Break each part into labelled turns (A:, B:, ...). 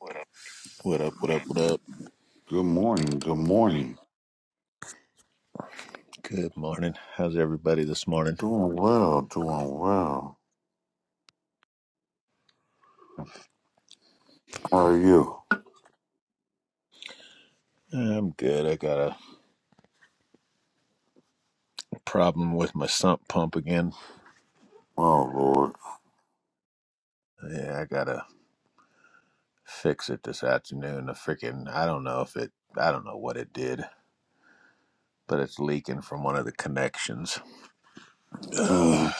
A: Whatever.
B: What up, what up, what up?
A: Good morning. Good morning.
B: Good morning. How's everybody this morning?
A: Doing well. Doing well. How are you?
B: I'm good. I got a problem with my sump pump again.
A: Oh, Lord.
B: Yeah, I gotta fix it this afternoon. The freaking, I don't know if it, I don't know what it did, but it's leaking from one of the connections.
A: mm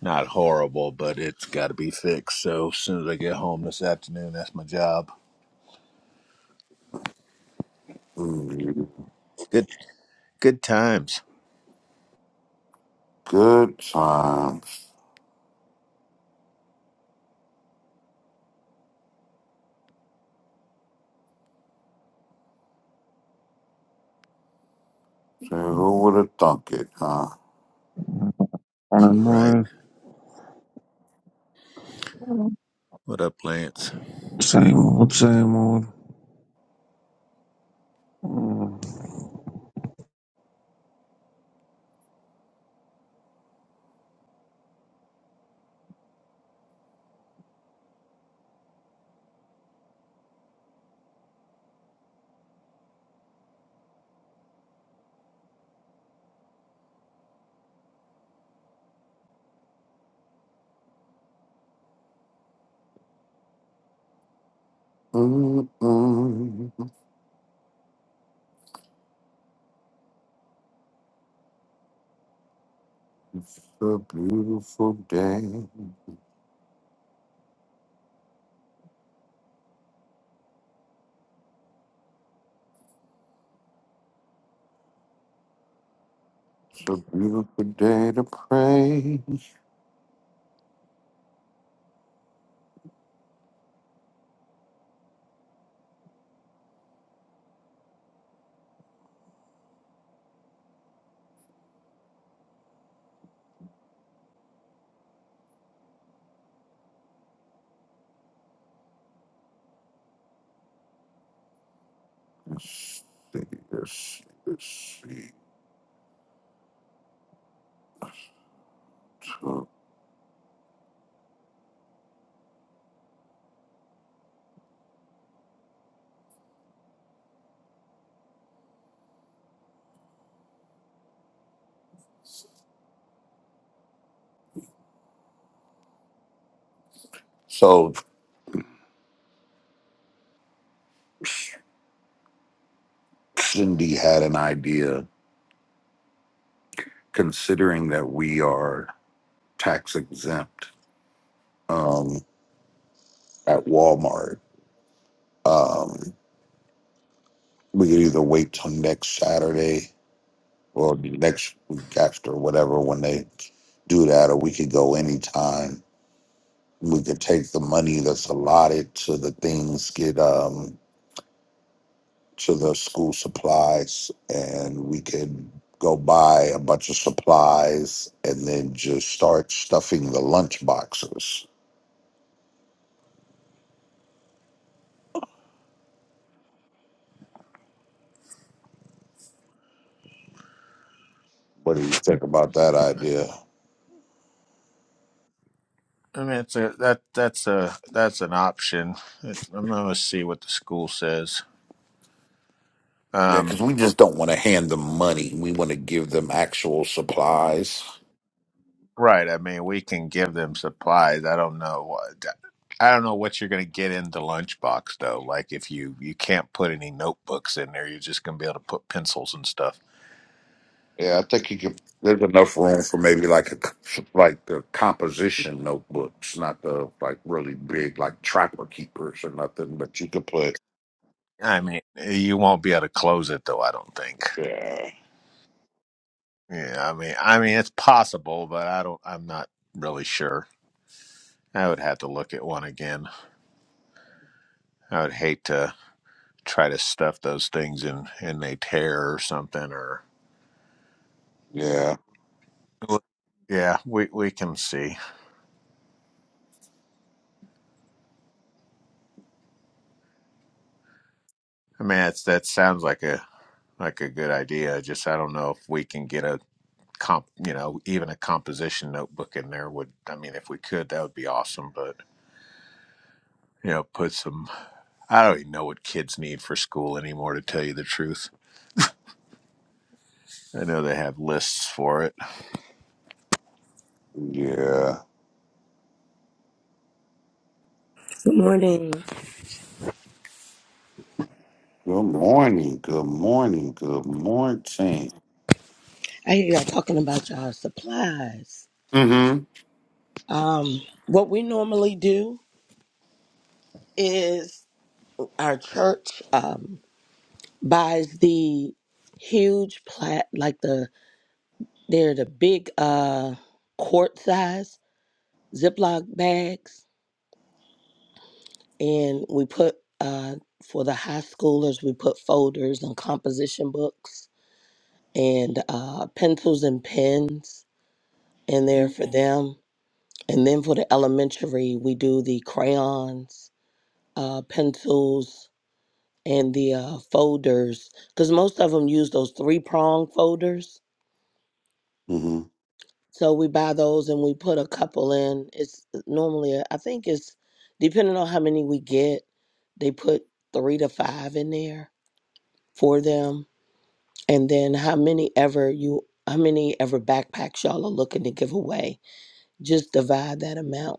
B: Not horrible, but it's gotta be fixed. So as soon as I get home this afternoon, that's my job.
A: mm.
B: Good, good times.
A: Good times. Say, Who would have thunk it, huh?
C: Morning,
B: Right.
C: morning.
B: What up, Lance?
C: Same old, same old.
A: Mm-mm. It's a beautiful day. It's a beautiful day to pray. Let's see. Let's see. Let's see. So, so Cindy had an idea, considering that we are tax exempt. um, at Walmart. Um, we could either wait till next Saturday or the next week after, whatever, when they do that, or we could go anytime. We could take the money that's allotted to the things, get um, to the school supplies, and we could go buy a bunch of supplies and then just start stuffing the lunch boxes. What do you think about that idea?
B: I mean, it's a that that's a that's an option. It, I'm gonna see what the school says
A: Yeah,
B: Um,
A: because we just don't want to hand them money. We want to give them actual supplies.
B: right. I mean, we can give them supplies. I don't know what. I don't know what you're going to get in the lunchbox though. Like if you you can't put any notebooks in there, you're just going to be able to put pencils and stuff.
A: Yeah, I think you could. There's enough room for maybe like a c- like the composition notebooks, not the like really big like trapper keepers or nothing. But you could put
B: I mean, you won't be able to close it though. I don't think.
A: yeah,
B: Yeah. I mean, I mean, it's possible, but I don't. I'm not really sure. I would have to look at one again. I would hate to try to stuff those things in and they tear or something or.
A: yeah,
B: Yeah, we we can see. I mean, that's that sounds like a like a good idea. Just I don't know if we can get a comp, you know, even a composition notebook in there would. I mean, if we could, that would be awesome. But you know, put some. I don't even know what kids need for school anymore. To tell you the truth, I know they have lists for it.
A: yeah.
D: Good morning.
A: Good morning. Good morning. Good morning.
D: I hear y'all talking about y'all supplies.
A: Mm-hmm.
D: Um, what we normally do is our church um, buys the huge plat, like the they're the big uh, quart size Ziploc bags, and we put uh, for the high schoolers we put folders and composition books and uh, pencils and pens in there for them And then for the elementary, we do the crayons, uh, pencils, and the uh, folders, because most of them use those three prong folders.
A: Mm-hmm.
D: So we buy those and we put a couple in. It's uh, normally, uh, I think it's depending on how many we get, they put three to five in there for them. And then how many ever you, how many ever backpacks y'all are looking to give away, just divide that amount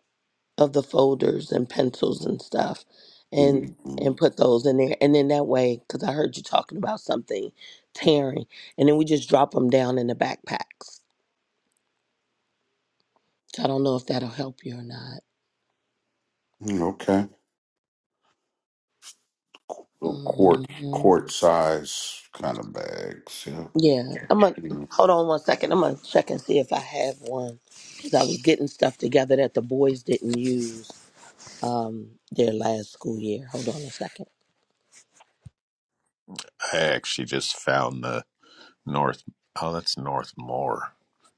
D: of the folders and pencils and stuff and and
A: mm-hmm.
D: put those in there and then that way because i heard you talking about something tearing and then we just drop them down in the backpacks so i don't know if that'll help you or not
A: Okay. Little quart
D: hmm
A: quart size kind of bags. Yeah.
D: yeah i'm gonna hold on one second i'm gonna check and see if i have one because i was getting stuff together that the boys didn't use um their last school year hold on a second
B: I actually just found the North. Oh, that's Northmore.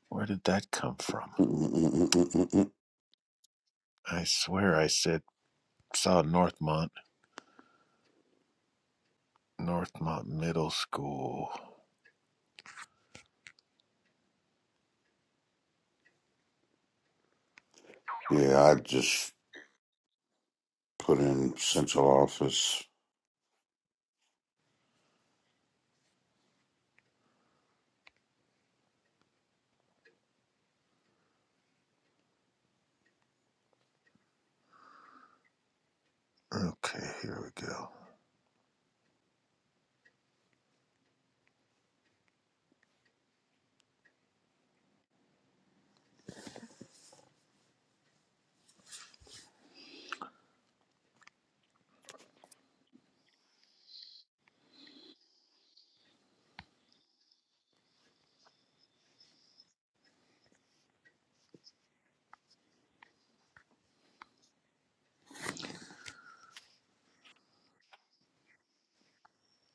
B: Where did that come from?
A: Mm-mm-mm-mm-mm-mm.
B: I swear I said saw Northmont, Northmont Middle School.
A: Yeah, I just put in central office.
B: Okay, here we go.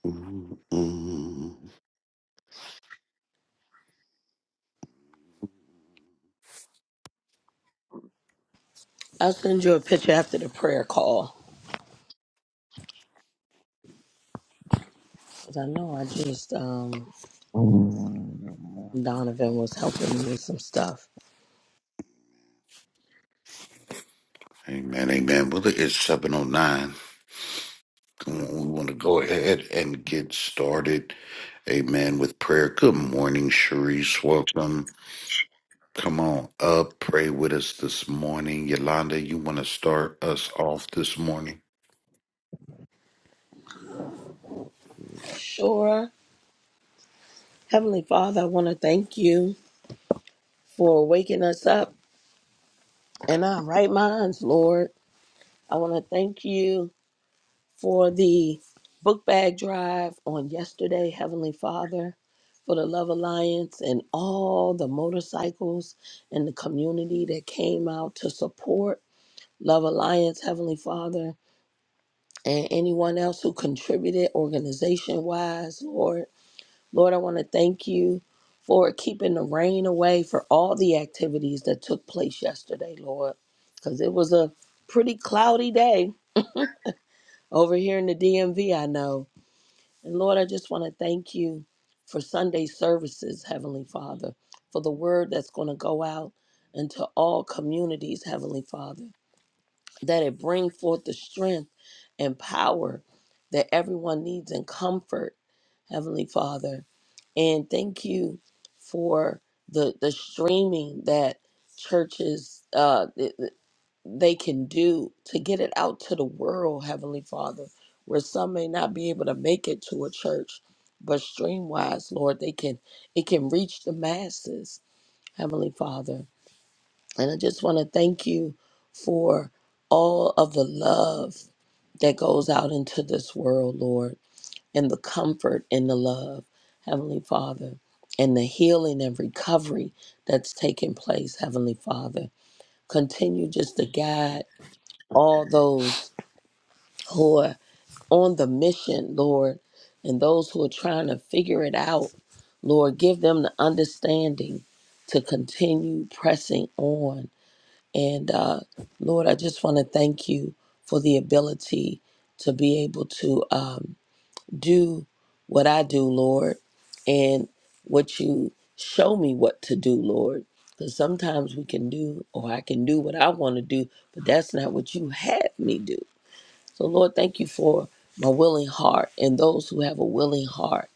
A: Mm-mm.
D: i'll send you a picture after the prayer call because i know i just um Donovan was helping me with some stuff.
A: Amen, amen. Well, it is 709. Come on, We want to go ahead and get started. Amen. With prayer. Good morning, Sharice. Welcome. Come on up. Pray with us this morning. Yolanda, you want to start us off this morning?
D: Sure. Heavenly Father, I want to thank you for waking us up in our right minds, Lord. I want to thank you for the book bag drive on yesterday, Heavenly Father, for the Love Alliance and all the motorcycles and the community that came out to support Love Alliance, Heavenly Father, and anyone else who contributed organization wise, Lord. Lord, I want to thank you for keeping the rain away for all the activities that took place yesterday, Lord, because it was a pretty cloudy day over here in the DMV, I know. And Lord, I just want to thank you for Sunday services, Heavenly Father, for the word that's going to go out into all communities, Heavenly Father that it bring forth the strength and power that everyone needs and comfort, Heavenly Father. And thank you for the the streaming that churches uh th- th- they can do to get it out to the world, Heavenly Father, where some may not be able to make it to a church, but stream wise, Lord, they can it can reach the masses, Heavenly Father. And I just want to thank you for all of the love that goes out into this world, Lord, and the comfort and the love, Heavenly Father, and the healing and recovery that's taking place, Heavenly Father. Continue just to guide all those who are on the mission, Lord, and those who are trying to figure it out, Lord. Give them the understanding to continue pressing on and uh, Lord, I just want to thank you for the ability to be able to um, do what I do, Lord, and what you show me what to do, Lord. Because sometimes we can do, or I can do what I want to do, but that's not what you had me do. So, Lord, thank you for my willing heart and those who have a willing heart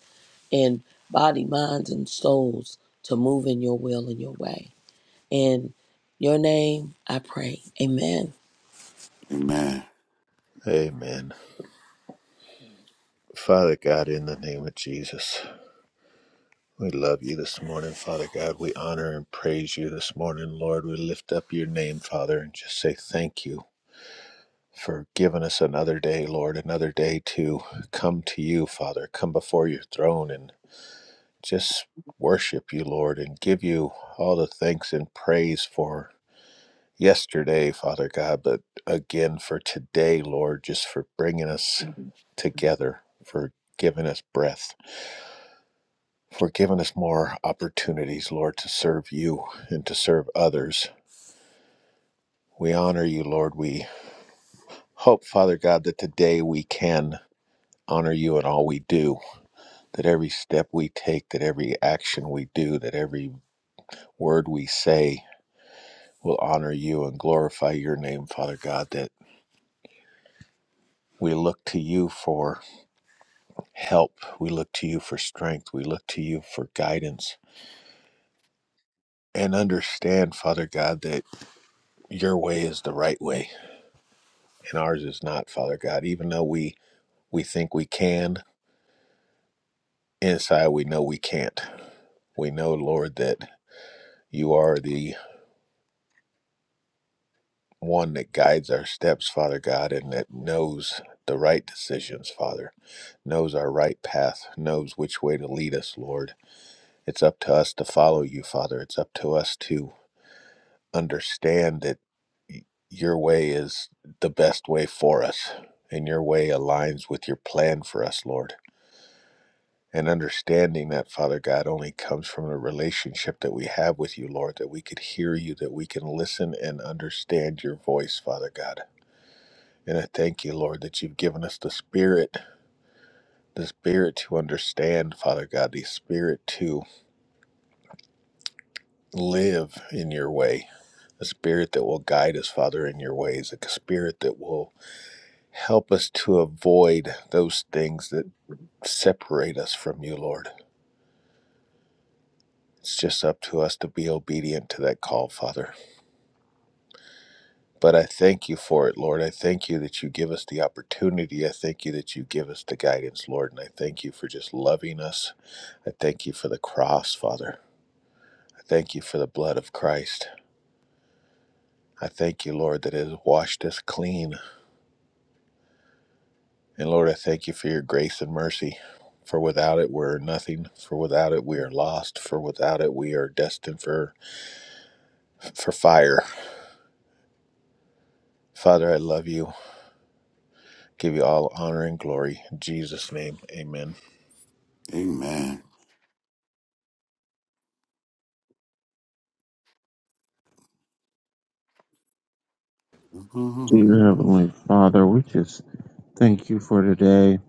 D: and body, minds, and souls to move in your will and your way. In your name, I pray. Amen.
A: Amen.
B: Amen. Father God, in the name of Jesus, we love you this morning, Father God. We honor and praise you this morning, Lord. We lift up your name, Father, and just say thank you for giving us another day, Lord, another day to come to you, Father, come before your throne and just worship you, Lord, and give you all the thanks and praise for yesterday, Father God, but again for today, Lord, just for bringing us together, for giving us breath for giving us more opportunities, Lord, to serve you and to serve others. We honor you, Lord. We hope, Father God, that today we can honor you in all we do, that every step we take, that every action we do, that every word we say will honor you and glorify your name, Father God, that we look to you for help. We look to you for strength. We look to you for guidance. And understand, Father God, that your way is the right way and ours is not, Father God. Even though we we think we can, inside we know we can't. We know, Lord, that you are the one that guides our steps, Father God, and that knows the right decisions, Father. Knows our right path, knows which way to lead us, Lord. It's up to us to follow you, Father. It's up to us to understand that y- your way is the best way for us, and your way aligns with your plan for us, Lord. and understanding that, Father God, only comes from the relationship that we have with you, Lord, that we could hear you, that we can listen and understand your voice, Father God. And I thank you, Lord, that you've given us the spirit, the spirit to understand, Father God, the spirit to live in your way, a spirit that will guide us, Father, in your ways, a spirit that will help us to avoid those things that separate us from you, Lord. It's just up to us to be obedient to that call, Father. But I thank you for it, Lord. I thank you that you give us the opportunity. I thank you that you give us the guidance, Lord. And I thank you for just loving us. I thank you for the cross, Father. I thank you for the blood of Christ. I thank you, Lord, that it has washed us clean. And Lord, I thank you for your grace and mercy. For without it, we're nothing. For without it, we are lost. For without it, we are destined for, for fire. Father, I love you. Give you all honor and glory. In Jesus' name, amen.
A: Amen.
C: Dear Heavenly Father, we just thank you for today.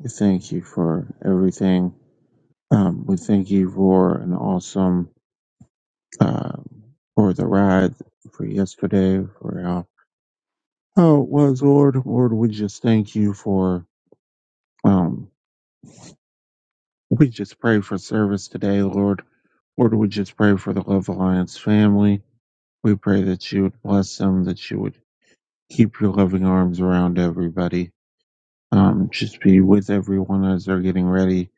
C: We thank you for everything. Um, we thank you for an awesome, uh, for the ride, for yesterday, for how, how it was, Lord. Lord, we just thank you for, um, we just pray for service today, Lord. Lord, we just pray for the Love Alliance family. We pray that you would bless them, that you would keep your loving arms around everybody. Um, just be with everyone as they're getting ready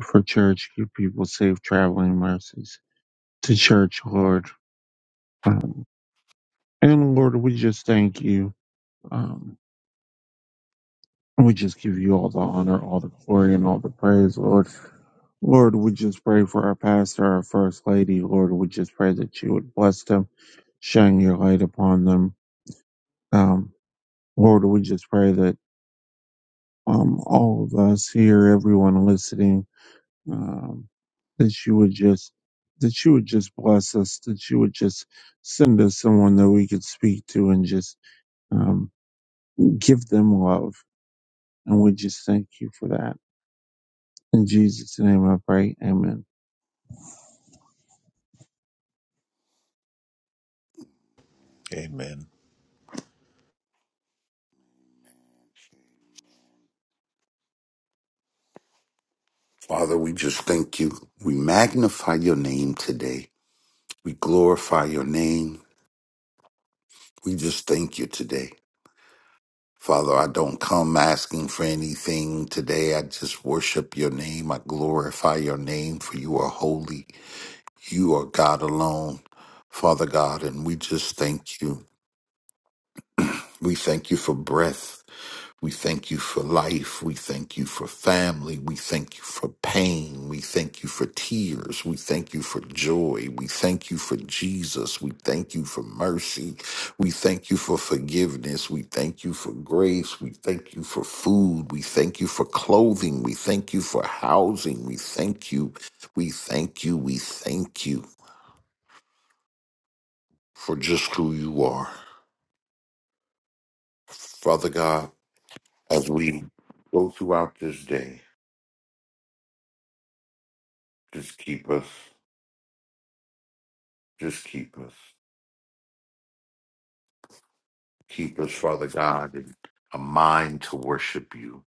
C: for church. Give people safe traveling mercies to church, Lord. Um, and Lord, we just thank you. Um, we just give you all the honor, all the glory, and all the praise, Lord. Lord, we just pray for our pastor, our first lady. Lord, we just pray that you would bless them, shine your light upon them. Um, Lord, we just pray that um, all of us here, everyone listening, um, that you would just that you would just bless us, that you would just send us someone that we could speak to and just um, give them love. And we just thank you for that. In Jesus' name I pray. Amen.
B: Amen.
A: Father, we just thank you. We magnify your name today. We glorify your name. We just thank you today. Father, I don't come asking for anything today. I just worship your name. I glorify your name, for you are holy. You are God alone, Father God, and we just thank you. We thank you for breath. We thank you for life. We thank you for family. We thank you for pain. We thank you for tears. We thank you for joy. We thank you for Jesus. We thank you for mercy. We thank you for forgiveness. We thank you for grace. We thank you for food. We thank you for clothing. We thank you for housing. We thank you. We thank you. We thank you for just who you are. Father God, as we go throughout this day, just keep us. Just keep us. Keep us, Father God, in a mind to worship you.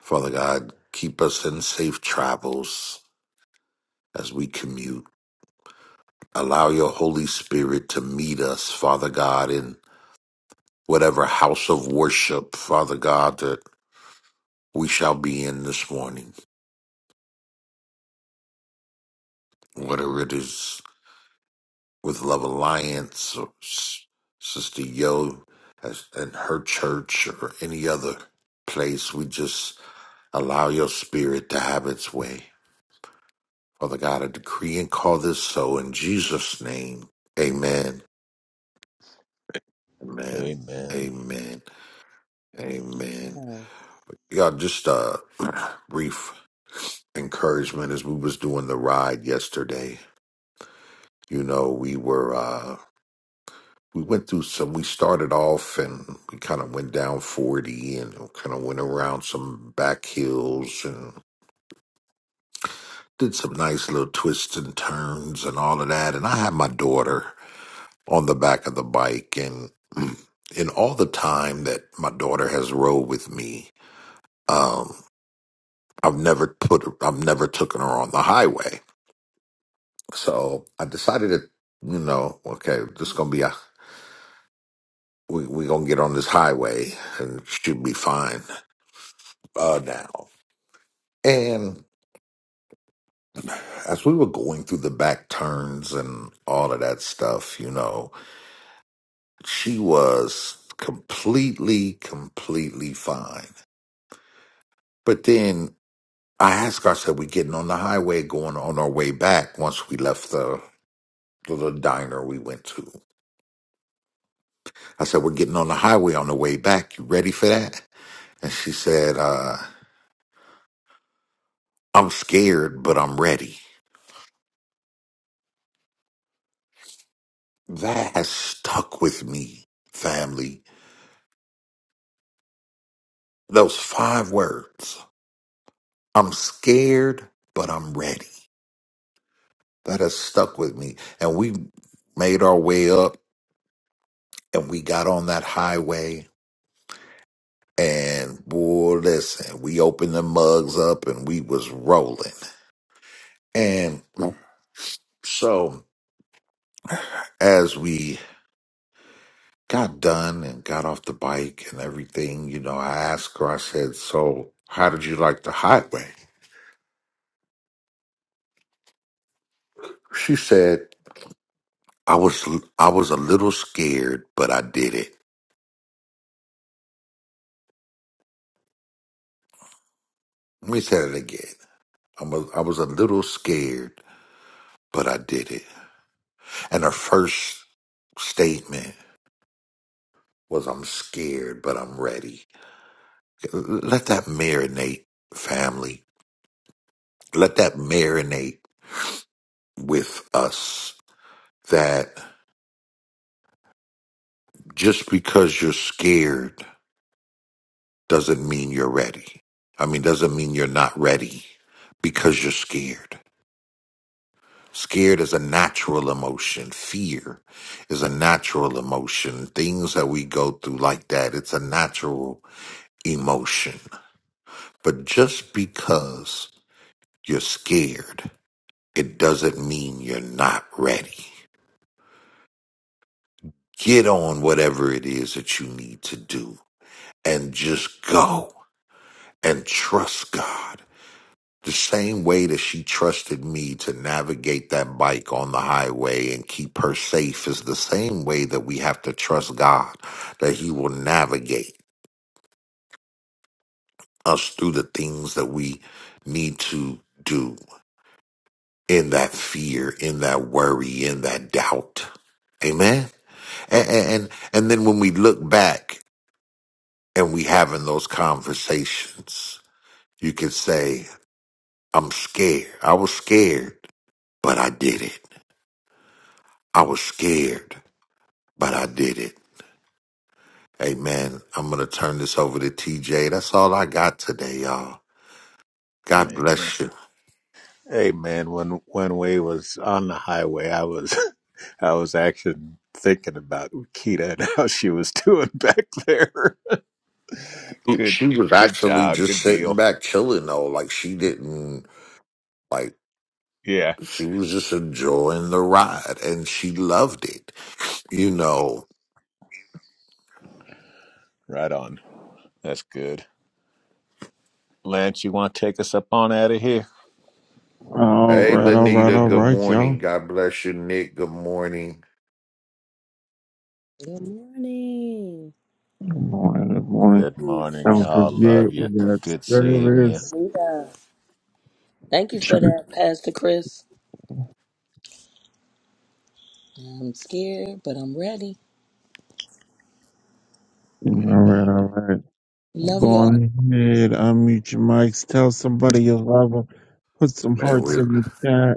A: Father God, keep us in safe travels as we commute. Allow your Holy Spirit to meet us, Father God, in whatever house of worship, Father God, that we shall be in this morning. Whether it is with Love Alliance or S- Sister Yo as- and her church or any other place, we just allow your spirit to have its way. Father God, I decree and call this so in Jesus' name. Amen. Amen.
B: Amen.
A: Amen. Amen.
D: Good
A: Y'all, just a brief encouragement as we was doing the ride yesterday. You know, we were uh we went through some we started off and we kind of went down 40 and kind of went around some back hills and did some nice little twists and turns and all of that. And I had my daughter. on the back of the bike and in all the time that my daughter has rode with me um i've never put i've never taken her on the highway so i decided that you know okay this gonna be a we we gonna get on this highway and she'll be fine uh now and as we were going through the back turns and all of that stuff you know she was completely completely fine but then I asked her, I said, we getting on the highway going on our way back once we left the the little diner we went to. I said, we're getting on the highway on the way back. You ready for that? And she said, uh, I'm scared, but I'm ready. That has stuck with me, family. Those five words. I'm scared, but I'm ready. That has stuck with me. And we made our way up and we got on that highway And boy, listen, we opened the mugs up and we was rolling. And so as we got done and got off the bike and everything, you know, I asked her, I said, So how did you like the highway? She said, I was I was a little scared, but I did it. Let me say it again. I was I was a little scared, but I did it. And her first statement was I'm scared, but I'm ready. let that marinate, family. Let that marinate with us that just because you're scared doesn't mean you're ready. I mean, doesn't mean you're not ready because you're scared. Scared is a natural emotion. Fear is a natural emotion. Things that we go through like that, it's a natural emotion. But just because you're scared, it doesn't mean you're not ready get on whatever it is that you need to do and just go and trust God. The same way that she trusted me to navigate that bike on the highway and keep her safe is the same way that we have to trust God that He will navigate us through the things that we need to do in that fear, in that worry, in that doubt. Amen. And, and, and then when we look back and we having those conversations. You can say, I'm scared. I was scared, but I did it. I was scared, but I did it. Amen. I'm going to turn this over to TJ. That's all I got today, y'all. God
B: Amen.
A: bless you.
B: Hey man, when when we was on the highway, I was I was actually thinking about Kita and how she was doing back there. Good
A: She was
B: good
A: actually
B: job,
A: just
B: good
A: sitting
B: deal.
A: back chilling though. Like she didn't, like,
B: Yeah,
A: she was just enjoying the ride and she loved it, you know.
B: right on. That's good. Lance, you want to take us up on out of here?
C: All
A: Hey,
C: right, all right,
A: Lanita,
C: all
A: good
C: right,
A: morning.
C: y'all.
A: God bless you, Nick. Good morning.
D: morning.
C: Good morning, good morning.
B: Good
D: You
B: morning,
C: Don't
B: y'all. Love
D: Appreciate
C: forget, we
B: you.
C: got
B: Good seeing you.
C: service,
D: it. Thank you for
C: church.
D: that, Pastor Chris. I'm scared, but I'm ready.
C: All right,
B: Amen.
C: all right.
D: Love
C: Go
D: y'all.
C: on ahead, unmute your mics. Tell somebody you love them. Put some
A: Man,
C: hearts
A: we're,
C: in the chat.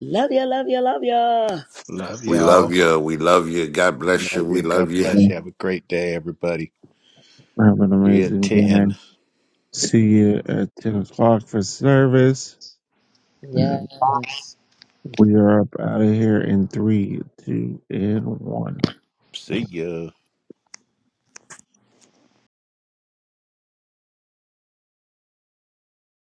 D: Love ya, love ya, love ya.
B: Love
A: We love
B: y'all.
A: you. We love you. God bless you.
B: Love
A: We
B: you. God
A: love you.
B: bless you. Have a great day, everybody.
C: Have an
B: See you at
C: amazing
B: 10.
C: day. See you at 10 o'clock for service.
D: Yeah.
C: We are up out of here in three, two, and one.
B: See ya.